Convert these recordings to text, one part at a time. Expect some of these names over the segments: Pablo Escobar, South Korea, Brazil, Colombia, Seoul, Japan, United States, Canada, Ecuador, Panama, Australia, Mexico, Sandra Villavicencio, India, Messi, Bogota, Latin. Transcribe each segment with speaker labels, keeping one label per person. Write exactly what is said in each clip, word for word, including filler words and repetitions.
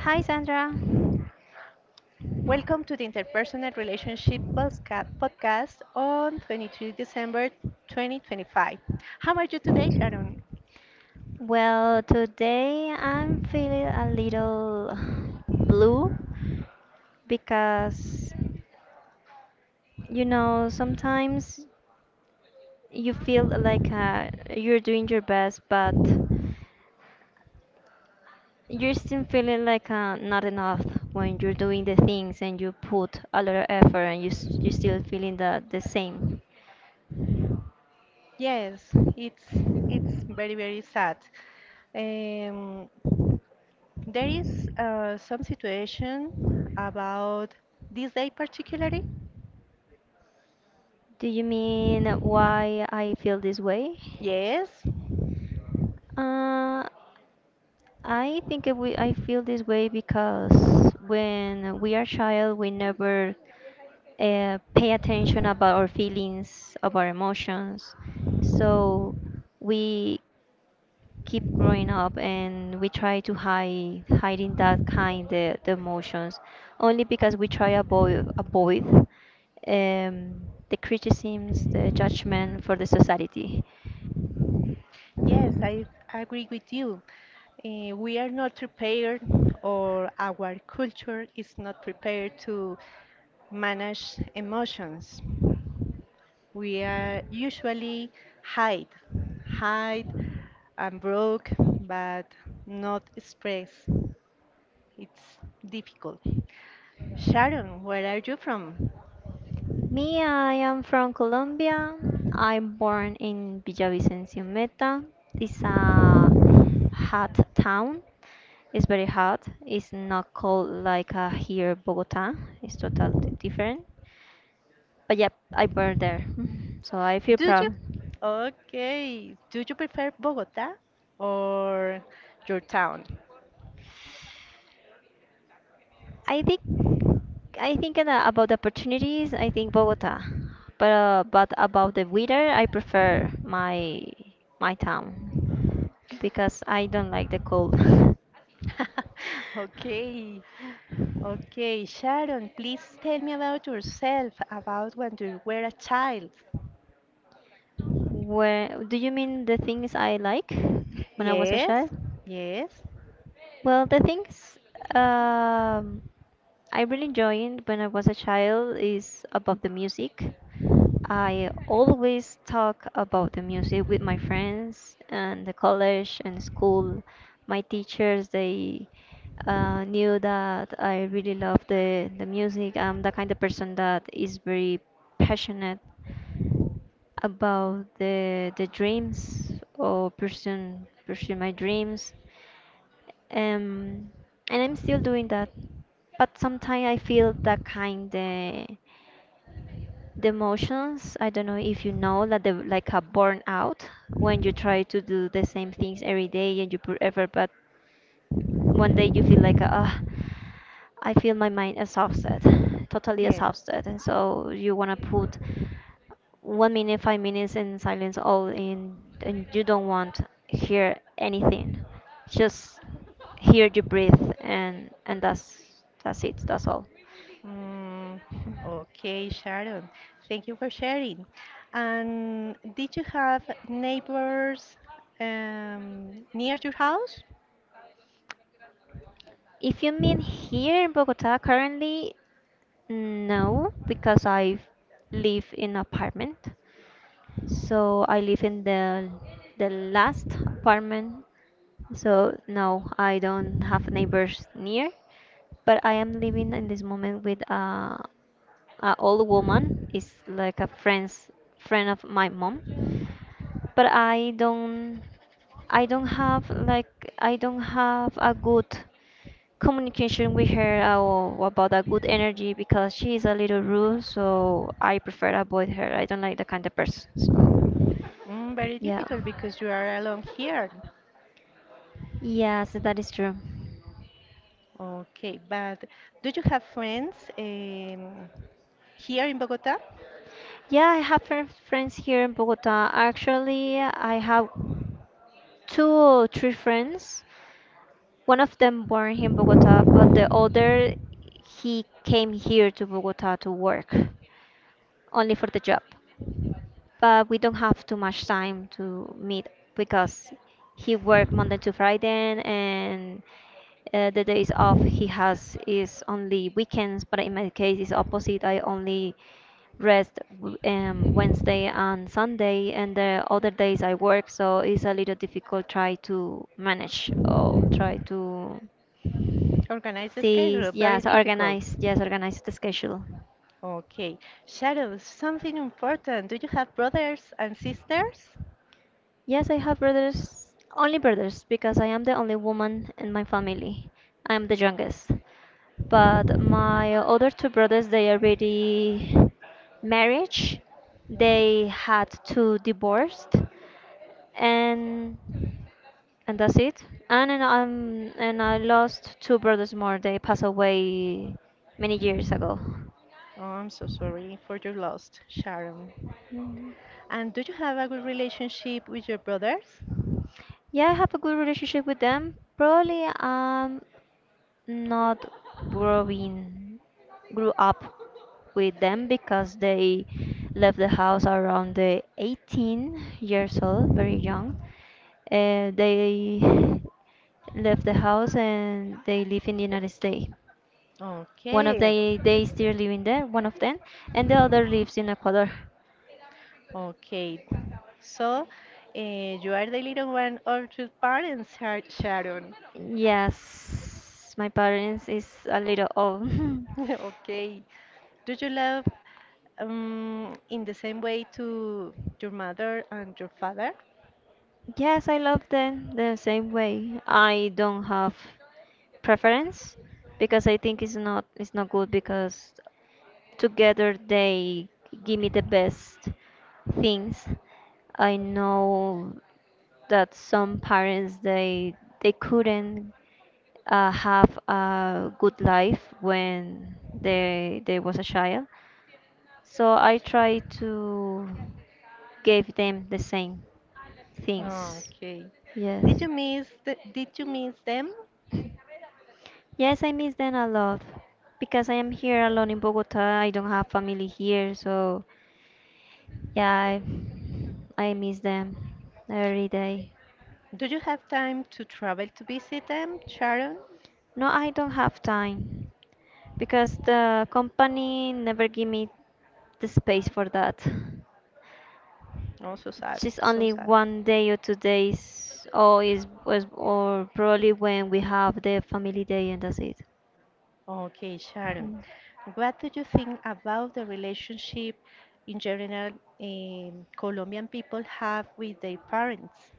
Speaker 1: Hi Sandra.
Speaker 2: Welcome to the Interpersonal Relationship Postca- Podcast on twenty-third of December twenty twenty-five. How are you today, Sharon?
Speaker 1: Well, today I'm feeling a little blue because you know sometimes you feel like uh, you're doing your best, but you're still feeling like uh, not enough when you're doing the things and you put a lot of effort and you s- you're still feeling the, the same.
Speaker 2: Yes, it's it's very very sad. Um, there is uh, some situation about this day particularly.
Speaker 1: Do you mean why I feel this way?
Speaker 2: Yes.
Speaker 1: Uh, I think it we I feel this way because when we are child, we never uh, pay attention about our feelings, of our emotions. So we keep growing up and we try to hide hiding that kind of the emotions only because we try avoid avoid um, the criticisms, the judgment for the society.
Speaker 2: Yes, I agree with you. Eh, we are not prepared, or our culture is not prepared to manage emotions. We are usually hide, hide and broke, but not express. It's difficult. Sharon, where are you from?
Speaker 1: Me, I am from Colombia. I'm born in Villavicencio Meta. It's a hot town. It's very hot. It's not cold like uh, here Bogota. It's totally different. But yep, I born there, so I feel
Speaker 2: Do you?
Speaker 1: proud.
Speaker 2: Okay. Do you prefer Bogota or your town?
Speaker 1: I think I think uh, about the opportunities. I think Bogota, but uh, but about the weather, I prefer my my town because I don't like the cold.
Speaker 2: Okay, okay. Sharon, please tell me about yourself, about when you were a child.
Speaker 1: Where do you mean the things I like when I was a
Speaker 2: Yes,
Speaker 1: child?
Speaker 2: yes,
Speaker 1: Well, the things um, I really enjoyed when I was a child is about the music. I always talk about the music with my friends and the college and school. My teachers, they uh, knew that I really love the, the music. I'm the kind of person that is very passionate about the the dreams or pursue pursue my dreams um and I'm still doing that, but sometimes I feel that kind the the emotions. I don't know if you know that, the like a burnout, when you try to do the same things every day and you put effort but one day you feel like uh, I feel my mind exhausted, totally
Speaker 2: yes.
Speaker 1: exhausted, and so you wanna put one minute, five minutes in silence, all in, and you don't want hear anything, just hear you breathe, and and that's that's it, that's all.
Speaker 2: Mm, okay, Sharon. Thank you for sharing. And did you have neighbors um, near your house?
Speaker 1: If you mean here in Bogota currently, no, because I live in apartment. So I live in the the last apartment. So no, I don't have neighbors near, but I am living in this moment with a, a old woman. Is like a friend's friend of my mom, but I don't I don't have like, I don't have a good communication with her uh, or about a good energy, because she is a little rude, so I prefer avoid her. I don't like that kind of person. So.
Speaker 2: Mm, very
Speaker 1: Yeah.
Speaker 2: difficult because you are alone here.
Speaker 1: Yes, that is true.
Speaker 2: Okay, but do you have friends um, here in Bogota?
Speaker 1: Yeah, I have fr- friends here in Bogota. Actually, I have two or three friends. One of them born here in Bogota, but the other, he came here to Bogota to work only for the job. But we don't have too much time to meet because he work Monday to Friday, and uh, the days off he has is only weekends. But in my case, it's opposite. I only rest w- um, Wednesday and Sunday, and the other days I work. So it's a little difficult try to manage or try to
Speaker 2: Organize a
Speaker 1: see.
Speaker 2: schedule, very
Speaker 1: Yes,
Speaker 2: difficult.
Speaker 1: organize. Yes, organize the schedule.
Speaker 2: Okay. Shadows, something important. Do you have brothers and sisters?
Speaker 1: Yes, I have brothers, only brothers, because I am the only woman in my family. I am the youngest. But my other two brothers, they already married. They had two divorced, and and that's it. And and I'm and I lost two brothers more. They passed away many years ago.
Speaker 2: Oh, I'm so sorry for your loss, Sharon.
Speaker 1: Mhm.
Speaker 2: And do you have a good relationship with your brothers?
Speaker 1: Yeah, I have a good relationship with them. Probably um not growing grew up with them, because they left the house around the eighteen years old, very young. Uh, they left the house and they live in the United States. One of
Speaker 2: Okay.
Speaker 1: they they still living there, one of them, and the other lives in Ecuador.
Speaker 2: Okay. So, uh, you are the little one of your parents, Shar- Sharon.
Speaker 1: Yes, my parents is a little old.
Speaker 2: Okay. Do you love um, in the same way to your mother and your father?
Speaker 1: Yes, I love them the same way. I don't have preference, because I think it's not it's not good, because together they give me the best things. I know that some parents, they they couldn't uh, have a good life when they they was a child. So I try to give them the same things.
Speaker 2: Okay.
Speaker 1: Yes.
Speaker 2: Did you miss the, did you miss them?
Speaker 1: Yes, I miss them a lot because I am here alone in Bogota. I don't have family here, so yeah, I, I miss them every day.
Speaker 2: Do you have time to travel to visit them, Sharon?
Speaker 1: No, I don't have time because the company never give me the space for that.
Speaker 2: Oh, so sad,
Speaker 1: Just
Speaker 2: so
Speaker 1: only
Speaker 2: sad.
Speaker 1: one day or two days, or is was or probably when we have the family day, and that's it.
Speaker 2: Okay, Sharon.
Speaker 1: Mm.
Speaker 2: What do you think about the relationship in general um, Colombian people have with their parents?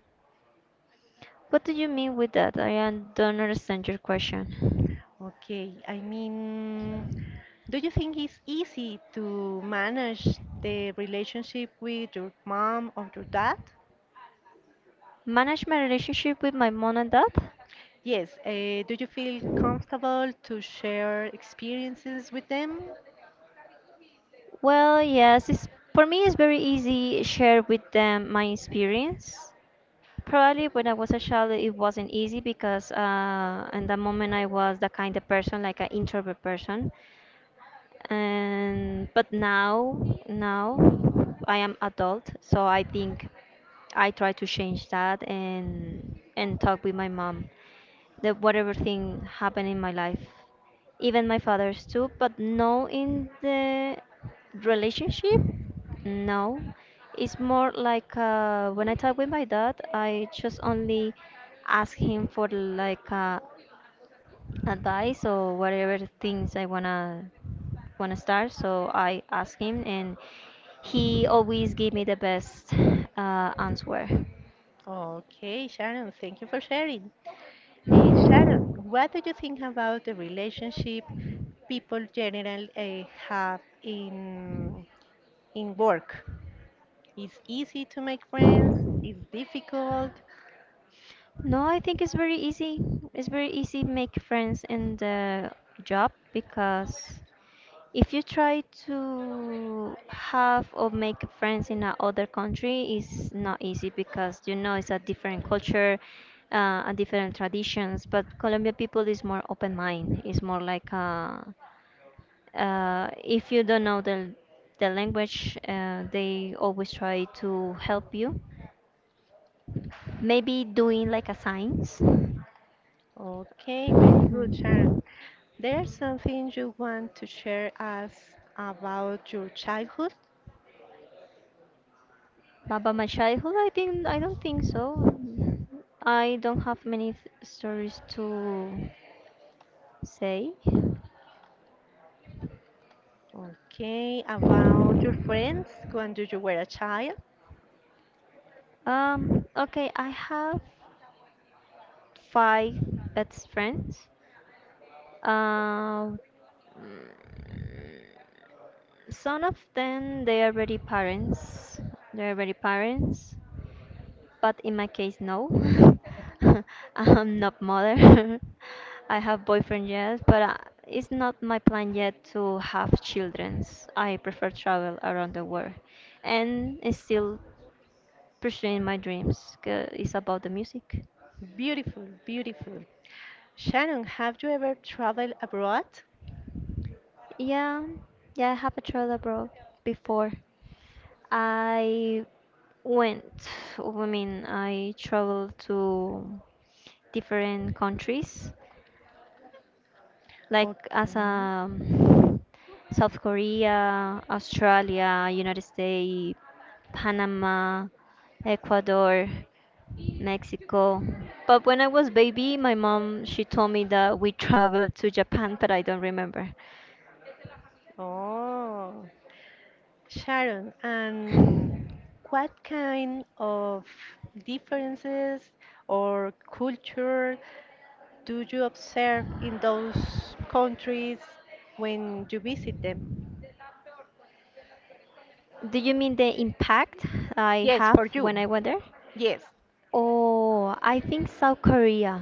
Speaker 1: What do you mean with that? I un- don't understand your question.
Speaker 2: Okay, I mean, do you think it's easy to manage the relationship with your mom or your dad?
Speaker 1: Manage my relationship with my mom and dad?
Speaker 2: Yes, uh, do you feel comfortable to share experiences with them?
Speaker 1: Well, yes, it's, for me it's very easy share with them my experience. Probably when I was a child it wasn't easy because uh, in that moment I was the kind of person like an introvert person. And but now, now I am adult, so I think I try to change that and and talk with my mom, that whatever thing happened in my life, even my father's too, but no in the relationship, no. It's more like uh, when I talk with my dad, I just only ask him for like uh, advice or whatever things I wanna wanna start. So I asked him, and he always gave me the best uh, answer.
Speaker 2: Okay, Sharon, thank you for sharing. Eh, Sharon, what do you think about the relationship people generally eh, have in in work? It's easy to make friends. It's difficult.
Speaker 1: No, I think it's very easy. It's very easy make friends in the job, because if you try to have or make friends in another country, it's not easy because you know it's a different culture, uh, and different traditions. But Colombian people is more open mind. It's more like uh, uh, if you don't know the the language, uh, they always try to help you. Maybe doing like a signs.
Speaker 2: Okay, very good, Sharon.
Speaker 1: Mhm.
Speaker 2: There's something you want to share us about your childhood?
Speaker 1: Baba Machai, well, I think I don't think so. I don't have many th- stories to say.
Speaker 2: Okay, about your friends when you were a child?
Speaker 1: Um, okay, I have five best friends. Uh, mm, some of them they are already parents. They're already parents. But in my case, no. I'm not mother. I have boyfriend, yes, but uh, it's not my plan yet to have children. I prefer travel around the world, and it's still pursuing my dreams. 'Cause it's about the music.
Speaker 2: Beautiful, beautiful. Sharon, have you ever traveled abroad?
Speaker 1: Yeah, yeah, I have a travel abroad before. I went. I mean, I traveled to different countries like
Speaker 2: Okay.
Speaker 1: as a South Korea, Australia, United States, Panama, Ecuador, Mexico. But when I was baby, my mom she told me that we traveled to Japan, but I don't remember.
Speaker 2: Oh, Sharon, and what kind of differences or culture do you observe in those countries when you visit them?
Speaker 1: Do you mean the impact I
Speaker 2: Yes,
Speaker 1: have
Speaker 2: for
Speaker 1: when
Speaker 2: you.
Speaker 1: I went there?
Speaker 2: Yes.
Speaker 1: Oh, I think South Korea.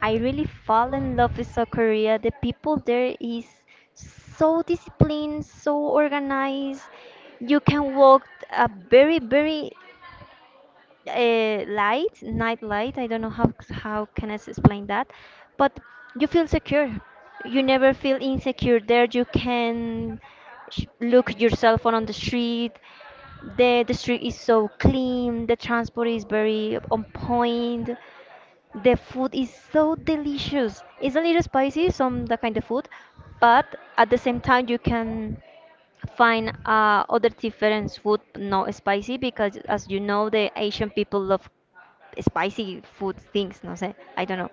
Speaker 1: I really fall in love with South Korea. The people there is so disciplined, so organized. You can walk a very, very uh, light, night light. I don't know how how can I s- explain that, but you feel secure. You never feel insecure there. You can sh- look yourself on, on the street. The the street is so clean. The transport is very on point. The food is so delicious. It's a little spicy, some that kind of food, but at the same time you can find uh, other different food, not spicy, because as you know, the Asian people love spicy food things. No sé, I don't know.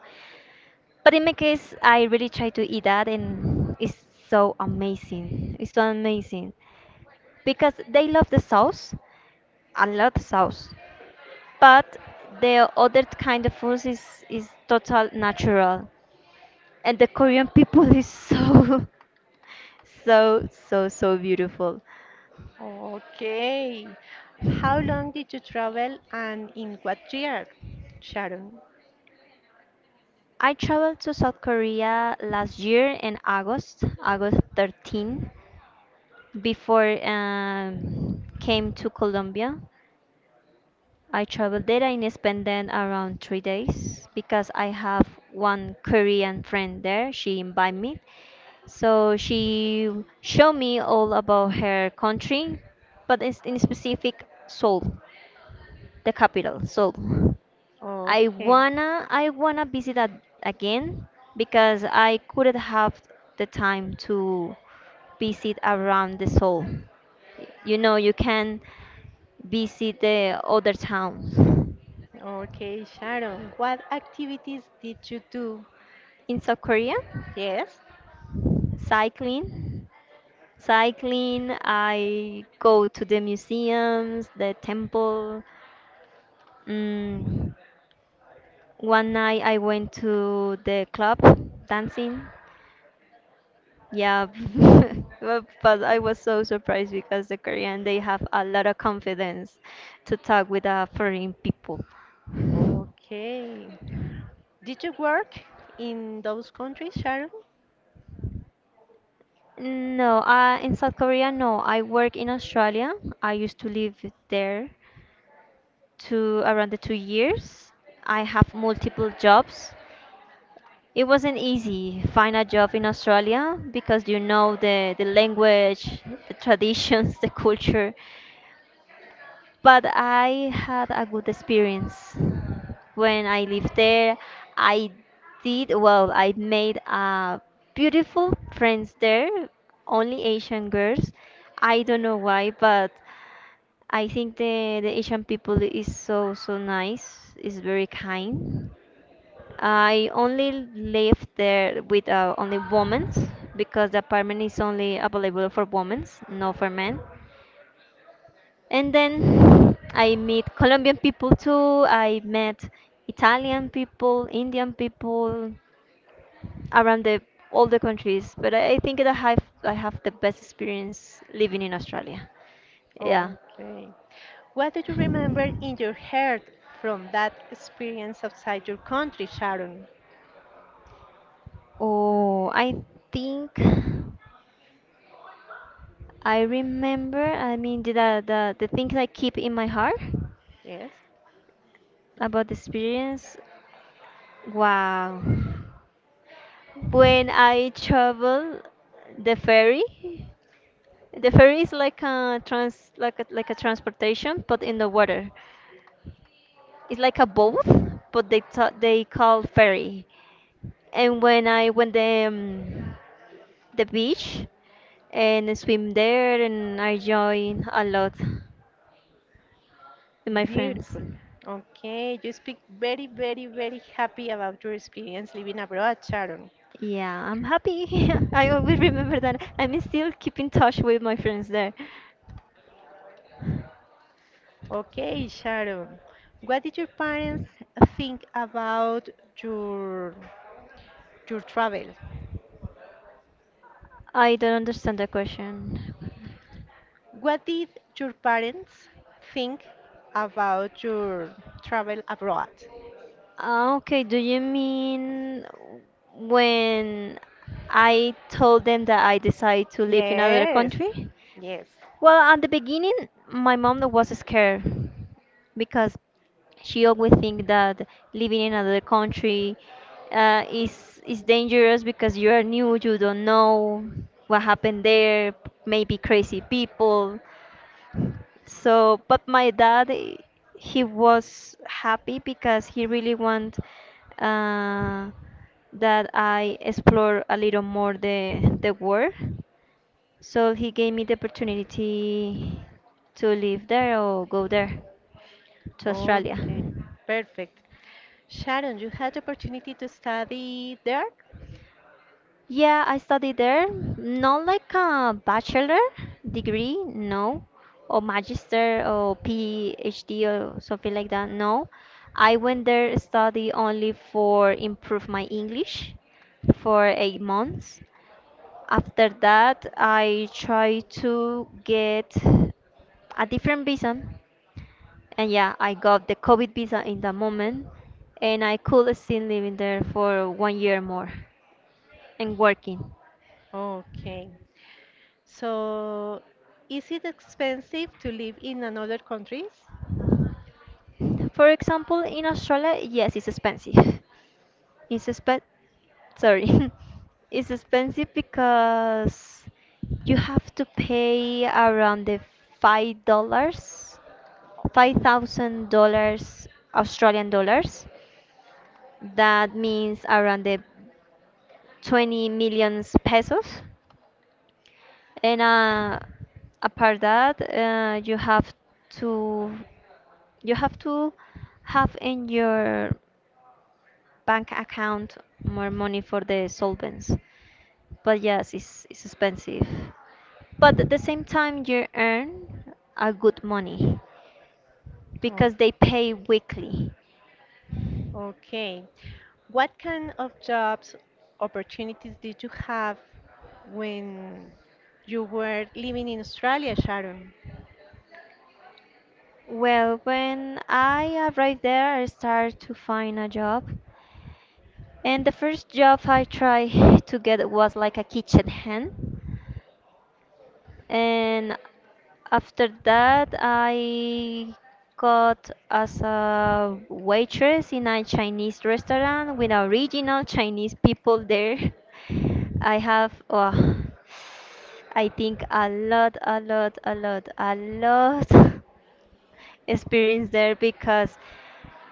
Speaker 1: But in my case, I really try to eat that, and it's so amazing. It's so amazing because they love the sauce, a lot of sauce. But the other kind of food is is total natural, and the Korean people is so so so so beautiful.
Speaker 2: Okay. How long did you travel and in what year, Sharon?
Speaker 1: I traveled to South Korea last year in August, August thirteenth, before um, came to Colombia. I traveled there and spent then around three days because I have one Korean friend there. She invited me. So she showed me all about her country, but it's in specific Seoul, the capital, Seoul. I
Speaker 2: Okay.
Speaker 1: wanna I wanna visit that again because I couldn't have the time to visit around the Seoul. You know, you can visit the other towns
Speaker 2: Okay, Sharon, what activities did you do?
Speaker 1: in South Korea,
Speaker 2: Yes?
Speaker 1: cycling. Cycling, I go to the museums, the temple. Mm, one night I went to the club dancing. Yeah, but but I was so surprised because the Korean they have a lot of confidence to talk with uh, foreign people.
Speaker 2: Okay. Did you work in those countries, Sharon?
Speaker 1: No, uh, in South Korea, no. I work in Australia. I used to live there to around the two years. I have multiple jobs. It wasn't easy find a job in Australia because you know the, the language, the traditions, the culture. But I had a good experience when I lived there. I did well. I made uh, beautiful friends there, only Asian girls. I don't know why, but I think the the Asian people is so so nice. Is very kind. I only live there with uh, only women because the apartment is only available for women, not for men. And then I meet Colombian people too. I met Italian people, Indian people around the all the countries. But I, I think that I have I have the best experience living in Australia. Yeah.
Speaker 2: Okay. What do you remember in your heart from that experience outside your country, Sharon?
Speaker 1: Oh, I think I remember. I mean, the the the the things I keep in my heart.
Speaker 2: Yes?
Speaker 1: About the experience, wow. When I travel the ferry, the ferry is like a trans like a, like a transportation but in the water. It's like a boat, but they ta they call ferry. And when I went the um, the beach and swim there and I join a lot with my friends.
Speaker 2: Beautiful. Okay, you speak very, very, very happy about your experience living abroad, Sharon.
Speaker 1: Yeah, I'm happy. I always remember that. I'm still keep in touch with my friends there.
Speaker 2: Okay, Sharon. What did your parents think about your your travel.
Speaker 1: I don't understand the question.
Speaker 2: What did your parents think about your travel abroad?
Speaker 1: Ah, okay, do you mean when I told them that I decided to live in another
Speaker 2: Yes,
Speaker 1: country?
Speaker 2: yes.
Speaker 1: Well, at the beginning, my mom was scared because she always think that living in another country uh, is is dangerous because you are new, you don't know what happened there, maybe crazy people. So, but my dad, eh, he was happy because he really want uh, that I explore a little more the the world. So he gave me the opportunity to live there or go there to Australia.
Speaker 2: Okay, perfect. Sharon, you had the opportunity to study there?
Speaker 1: Yeah, I studied there. Not like a bachelor degree, no, or magister or PhD or something like that. No, I went there study only for improve my English for eight months. After that, I tried to get a different visa, and yeah, I got the COVID visa in that moment, and I could still live in there for one year more and working.
Speaker 2: Okay. So, is it expensive to live in another countries?
Speaker 1: For example, in Australia, yes, it's expensive. It's expen Sorry. It's expensive because you have to pay around the five dollars, five thousand dollars Australian dollars. That means around the twenty million pesos. And uh, Apart that, uh, you have to you have to have in your bank account more money for the solvents. But yes, it's, it's expensive. But at the same time, you earn a good money because they pay weekly.
Speaker 2: Okay. What kind of jobs opportunities did you have when you were living in Australia, Sharon?
Speaker 1: Well, when I arrived there, I started to find a job. And the first job I tried to get was like a kitchen hand. And after that I got as a waitress in a Chinese restaurant with original Chinese people there. I have, uh, I think, a lot, a lot, a lot, a lot experience there because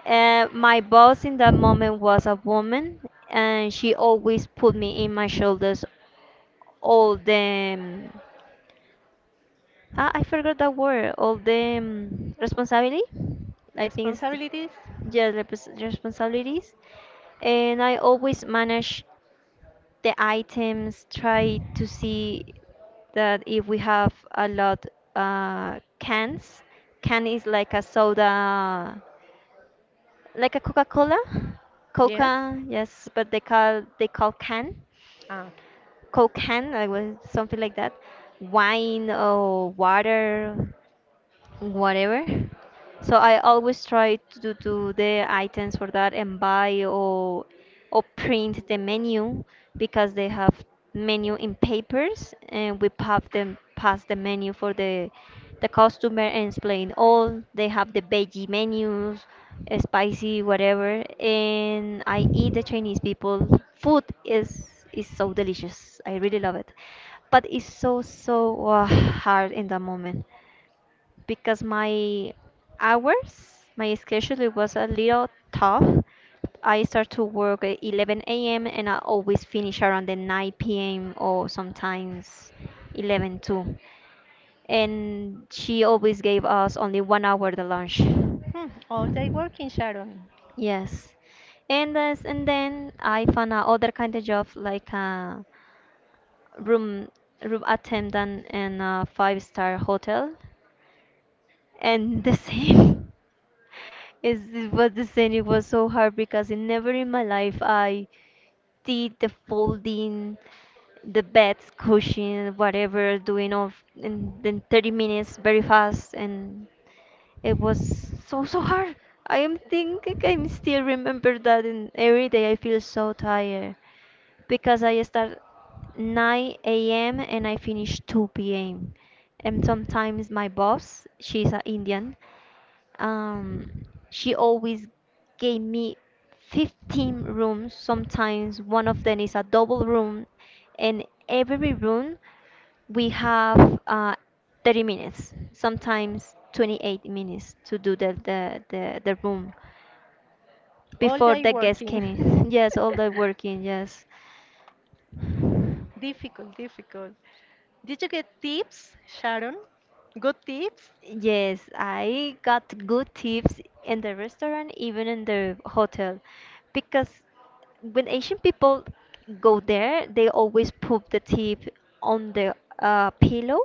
Speaker 1: uh, my boss in that moment was a woman and she always put me in my shoulders all the Ah, I forgot that word. All the um, responsibility. I think it's the,
Speaker 2: Responsibilities?
Speaker 1: yeah, the responsibilities. And I always manage the items, try to see that if we have a lot uh, cans, can is like a soda, like a Coca-Cola,
Speaker 2: Yes.
Speaker 1: Coca, yes, but they call they call can,
Speaker 2: Ah, okay.
Speaker 1: Coke can, I was something like that, wine or water, whatever. So I always try to do the items for that and buy or or print the menu because they have menu in papers and we have them pass the menu for the the customer and explain all. They have the veggie menus, uh, spicy whatever, and I eat the Chinese people. Food is is so delicious. I really love it, but it's so so uh, hard in that moment because my hours, my schedule it was a little tough. I start to work at eleven a m and I always finish around the nine p m or sometimes eleven too. And she always gave us only one hour the lunch.
Speaker 2: Hmm, all day working, Sharon.
Speaker 1: Yes. And as, and then I found out other kind of job like a room room attendant in a five star hotel. And the same, is it was the same. It was so hard because in never in my life I did the folding the beds cushion whatever doing all f- in, then thirty minutes very fast and it was so so hard. I am thinking, I still remember that, and every day I feel so tired because I start nine a m and I finish two p m. And sometimes my boss, she's an Indian, um, she always gave me fifteen rooms. Sometimes one of them is a double room, and every room we have uh, thirty minutes, sometimes twenty-eight minutes to do the, the, the, the room
Speaker 2: All
Speaker 1: before
Speaker 2: day
Speaker 1: the guests came
Speaker 2: working.
Speaker 1: in. Yes, all the working, yes.
Speaker 2: Difficult, difficult. Did you get tips, Sharon? Good tips?
Speaker 1: Yes, I got good tips in the restaurant, even in the hotel, because when Asian people go there, they always put the tip on the uh, pillow.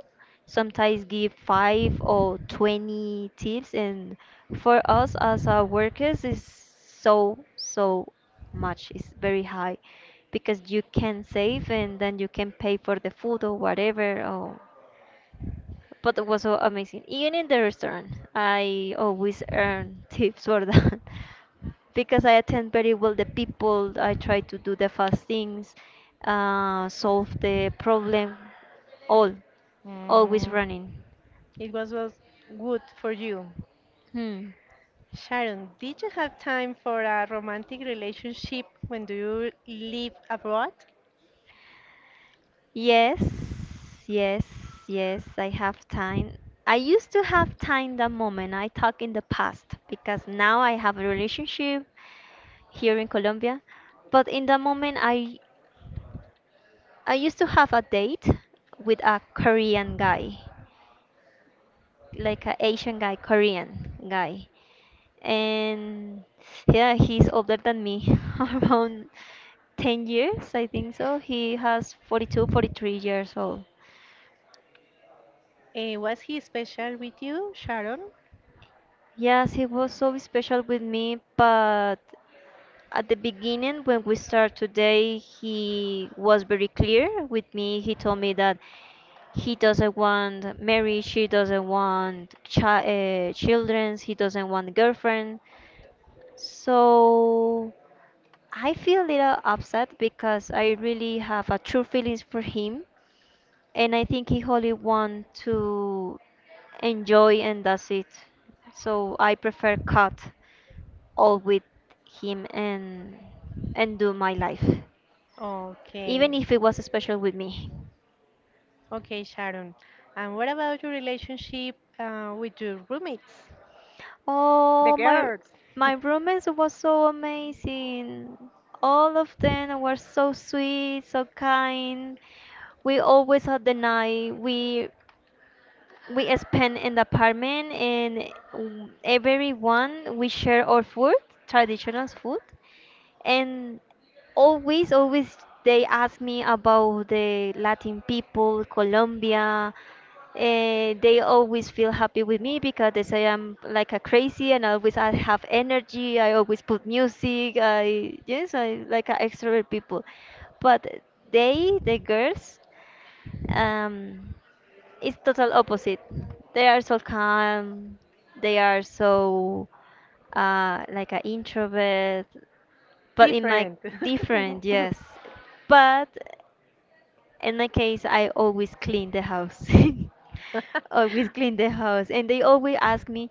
Speaker 1: Sometimes give five or twenty tips, and for us as uh, workers, is so so much. It's very high because you can save and then you can pay for the food or whatever. Or but it was so amazing. Even in the restaurant, I always earn tips for that because I attend very well the people. I try to do the fast things, uh, solve the problem, all, always
Speaker 2: Mm,
Speaker 1: running.
Speaker 2: it was, was good for you.
Speaker 1: Hmm.
Speaker 2: Sharon, did you have time for a romantic relationship when do you live abroad?
Speaker 1: Yes, yes, yes, I have time. I used to have time that moment. I talk in the past because now I have a relationship here in Colombia. But in that moment, I I used to have a date with a Korean guy, like an Asian guy, Korean guy. And yeah, he's older than me, around ten years, I think so. He has forty-two, forty-three years old.
Speaker 2: Eh, was he special with you, Sharon?
Speaker 1: Yes, he was so special with me, but at the beginning when we start today, he was very clear with me. He told me that he doesn't want marriage, he doesn't want chi- uh, children, he doesn't want a girlfriend. So I feel a little upset because I really have a true feelings for him and I think he only want to enjoy and that's it. So I prefer cut all with him and and do my life.
Speaker 2: Okay.
Speaker 1: Even if it was special with me.
Speaker 2: Okay, Sharon. And what about your relationship uh, with your roommates? The
Speaker 1: Oh, my
Speaker 2: girls.
Speaker 1: my roommates was so amazing. All of them were so sweet, so kind. We always had the night. We we spent in the apartment and w- everyone we share our food, traditional food, and always always they ask me about the Latin people, Colombia. And they always feel happy with me because they say I'm like a crazy, and always I have energy, I always put music. I, yes, I like a extrovert people. But they the girls, um it's total opposite. They are so calm, they are so uh, like an introvert. But in my
Speaker 2: Different.
Speaker 1: different, yes. But in my case, I always clean the house. Always clean the house, and they always ask me,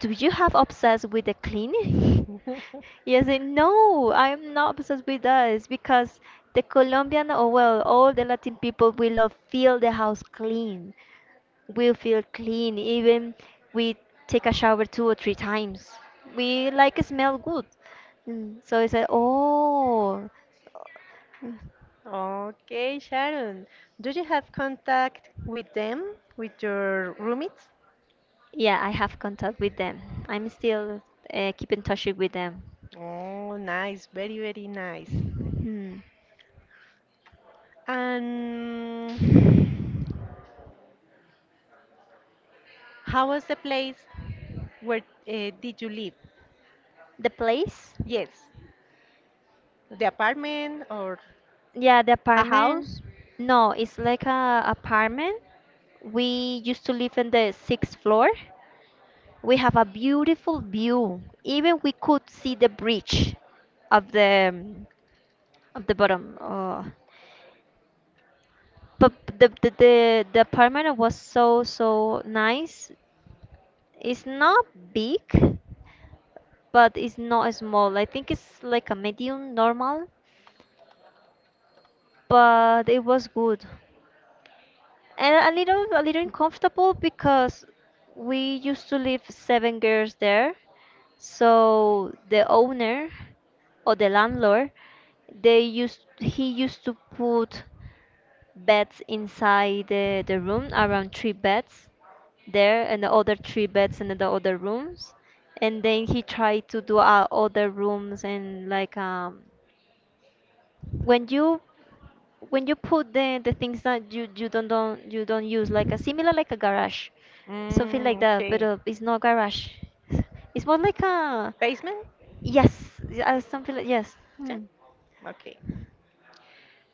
Speaker 1: "Do you have obsessed with the cleaning?" Yes, and no, I am not obsessed with that. It's because the Colombian, or well, all the Latin people, we love feel the house clean. We feel clean. Even we take a shower two or three times, we like smell good. Mm, so I said, oh. Mm.
Speaker 2: Okay, Sharon. Do you have contact with them, with your roommates?
Speaker 1: Yeah, I have contact with them. I'm still uh, keep in touch with them.
Speaker 2: Oh, nice. Very, very nice.
Speaker 1: Hmm.
Speaker 2: And how was the place where uh, did you live?
Speaker 1: The place.
Speaker 2: Yes. The apartment or
Speaker 1: Yeah, the
Speaker 2: a
Speaker 1: apartment.
Speaker 2: house?
Speaker 1: No, it's like a apartment. We used to live in the sixth floor. We have a beautiful view, even we could see the bridge of the Of the bottom. Oh. But the, the the the apartment was so so nice. It's not big, but it's not small. I think it's like a medium normal, but it was good. And a little a little uncomfortable because we used to live seven girls there. So the owner or the landlord they used he used to put beds inside the, the room, around three beds there and the other three beds in the other rooms. And then he tried to do uh, other rooms and, like, um when you when you put the the things that you you don't don't you don't use, like a similar, like a garage, something
Speaker 2: Mm,
Speaker 1: like that, but
Speaker 2: okay.
Speaker 1: uh, it's not garage. It's more like a.
Speaker 2: Basement?
Speaker 1: Yes, yeah, uh, something like yes.
Speaker 2: Yeah.
Speaker 1: Hmm.
Speaker 2: Okay.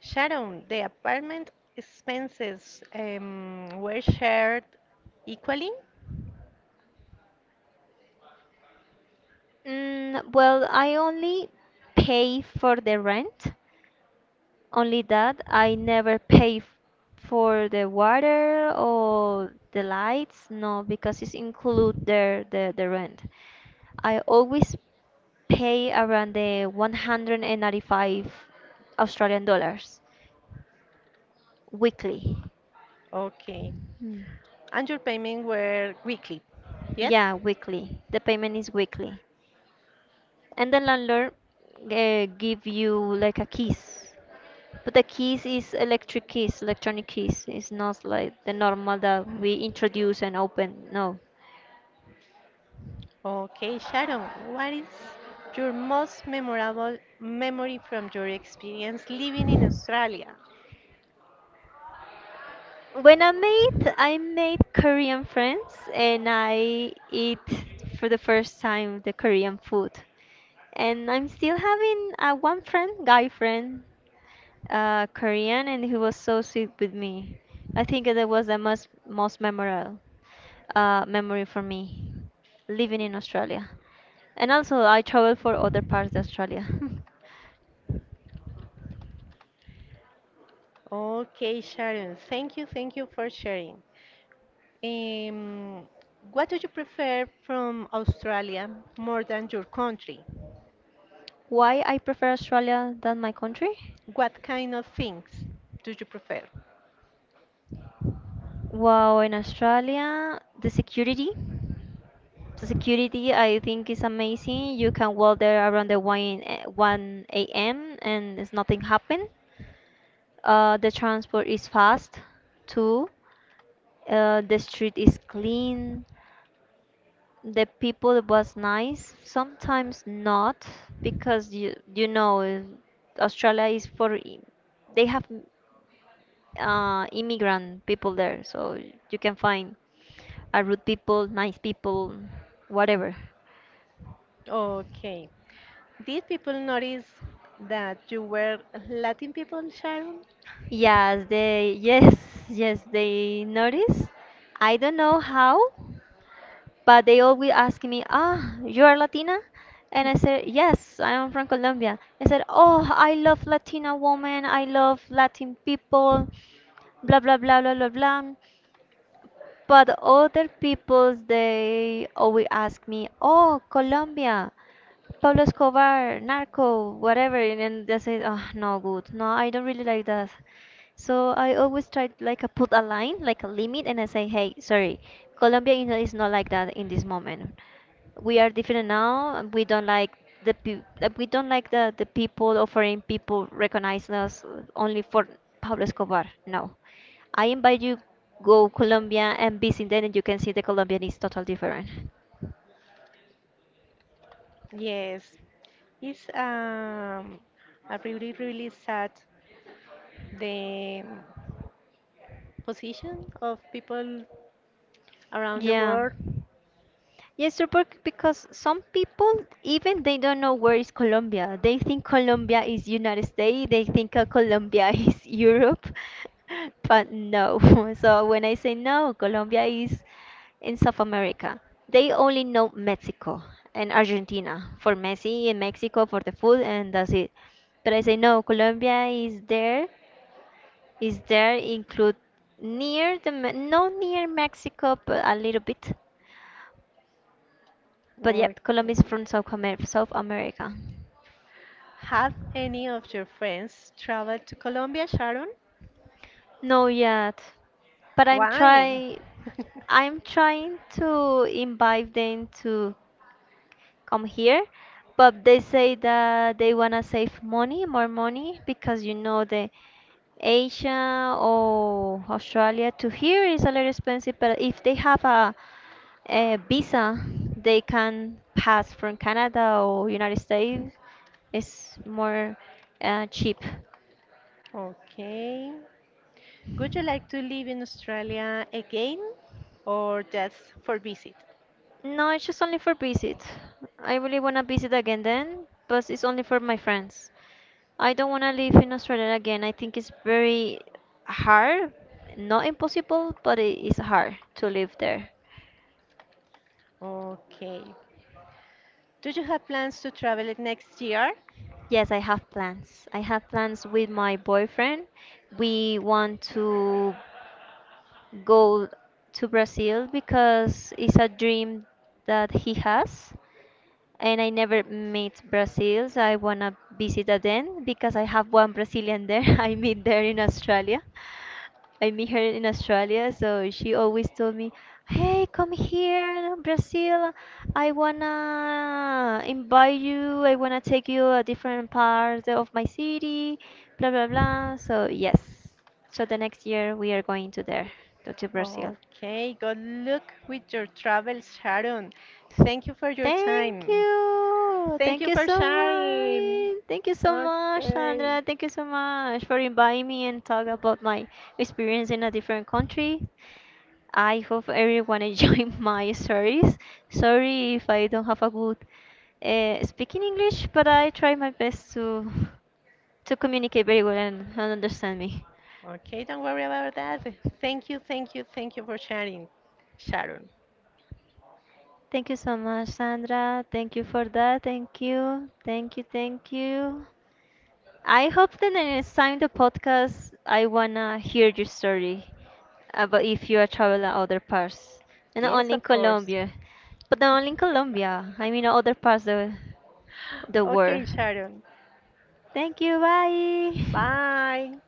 Speaker 2: Sharon, the apartment expenses um, were shared equally?
Speaker 1: Mm, well, I only pay for the rent. Only that I never pay f- for the water or the lights, no, because it's include the, the, the rent. I always pay around the one hundred ninety-five Australian dollars weekly.
Speaker 2: Okay.
Speaker 1: Hmm.
Speaker 2: And your payment were weekly? Yes?
Speaker 1: Yeah, weekly. The payment is weekly. And the landlord uh, give you like a keys. But the keys is electric keys, electronic keys. It's not like the normal that we introduce and open. No.
Speaker 2: Okay, Sharon, what is your most memorable memory from your experience living in Australia?
Speaker 1: When I made, I made Korean friends and I eat for the first time the Korean food. And I'm still having a one friend, guy friend. uh, Korean, and he was so sweet with me. I think that was the most most memorable uh, memory for me living in Australia. And also, I travel for other parts of Australia.
Speaker 2: Okay, Sharon, thank you, thank you for sharing. Um, what do you prefer from Australia more than your country?
Speaker 1: Why I prefer Australia than my country?
Speaker 2: What kind of things do you prefer?
Speaker 1: Wow, in Australia, the security. The security I think is amazing. You can walk there around the one a- one a m and it's nothing happen. Uh, the transport is fast too. Uh, the street is clean. The people was nice. Sometimes not because you you know uh, Australia is for i- they have uh, immigrant people there, so you can find a rude people, nice people, whatever.
Speaker 2: Okay, did people notice that you were Latin people, Sharon?
Speaker 1: Yes, they yes yes they notice. I don't know how, but they always ask me, "Ah, you are Latina?" And I said, "Yes, I am from Colombia." I said, "Oh, I love Latina women. I love Latin people." Blah blah blah blah blah blah. But other peoples, they always ask me, "Oh, Colombia." Pablo Escobar, narco, whatever, and then they say, oh, no good. No, I don't really like that. So I always try like I put a line, like a limit, and I say, hey, sorry, Colombia you know, is not like that in this moment. We are different now. And we don't like the peo- like, we don't like the the people or foreign people recognize us only for Pablo Escobar. No, I invite you go Colombia and visit then, and you can see the Colombian is totally different.
Speaker 2: Yes, it's um, a really, really sad the position of people around the
Speaker 1: Yeah.
Speaker 2: world
Speaker 1: Yes, sir, bec- because some people even they don't know where is Colombia. They think Colombia is United States. They think uh, Colombia is Europe, but no. So when I say no, Colombia is in South America. They only know Mexico and Argentina for Messi and Mexico for the food, and that's it. But I say no, Colombia is there. Is there include near the Me- no near Mexico, but a little bit but
Speaker 2: or
Speaker 1: yep, Colombia is from South, Amer- South America.
Speaker 2: have any of your friends traveled to Colombia, Sharon?
Speaker 1: No yet, but I'm
Speaker 2: Why?
Speaker 1: trying. I'm trying to invite them to come here, but they say that they wanna save money, more money, because you know the Asia or Australia to here is a little expensive. But if they have a, a visa, they can pass from Canada or United States. It's more uh, cheap.
Speaker 2: Okay. Would you like to live in Australia again or just for visit?
Speaker 1: No, it's just only for visit. I really wanna visit again then, but it's only for my friends. I don't wanna live in Australia again. I think it's very hard, not impossible, but it is hard to live there.
Speaker 2: Okay. Do you have plans to travel it next year?
Speaker 1: Yes, I have plans. I have plans with my boyfriend. We want to go to Brazil because it's a dream that he has. And I never met Brazil, so I wanna visit again because I have one Brazilian there. I meet there in Australia. I meet her in Australia, so she always told me, "Hey, come here, Brazil. I wanna invite you. I wanna take you a different part of my city, blah blah blah." So yes, so the next year we are going to there, to to Brazil.
Speaker 2: Okay, good luck with your travels, Sharon. Thank you for your
Speaker 1: Thank
Speaker 2: time.
Speaker 1: you.
Speaker 2: Thank
Speaker 1: Thank
Speaker 2: you
Speaker 1: you
Speaker 2: for
Speaker 1: so
Speaker 2: sharing.
Speaker 1: much. Thank you so much,
Speaker 2: Okay.
Speaker 1: Sandra. Thank you so much for inviting me and talk about my experience in a different country. I hope everyone enjoyed my stories. Sorry if I don't have a good uh, speaking English, but I try my best to to communicate very well and, and understand me.
Speaker 2: Okay, don't worry about that. Thank you, thank you, thank you for sharing, Sharon.
Speaker 1: Thank you so much, Sandra. Thank you for that. Thank you. Thank you. Thank you. I hope that the next time the podcast, I wanna hear your story about if you are traveling other parts, and not
Speaker 2: Yes,
Speaker 1: only in
Speaker 2: of course.
Speaker 1: Colombia, but not only in Colombia. I mean other parts of the world.
Speaker 2: Okay, Sharon.
Speaker 1: Thank you. Bye.
Speaker 2: Bye.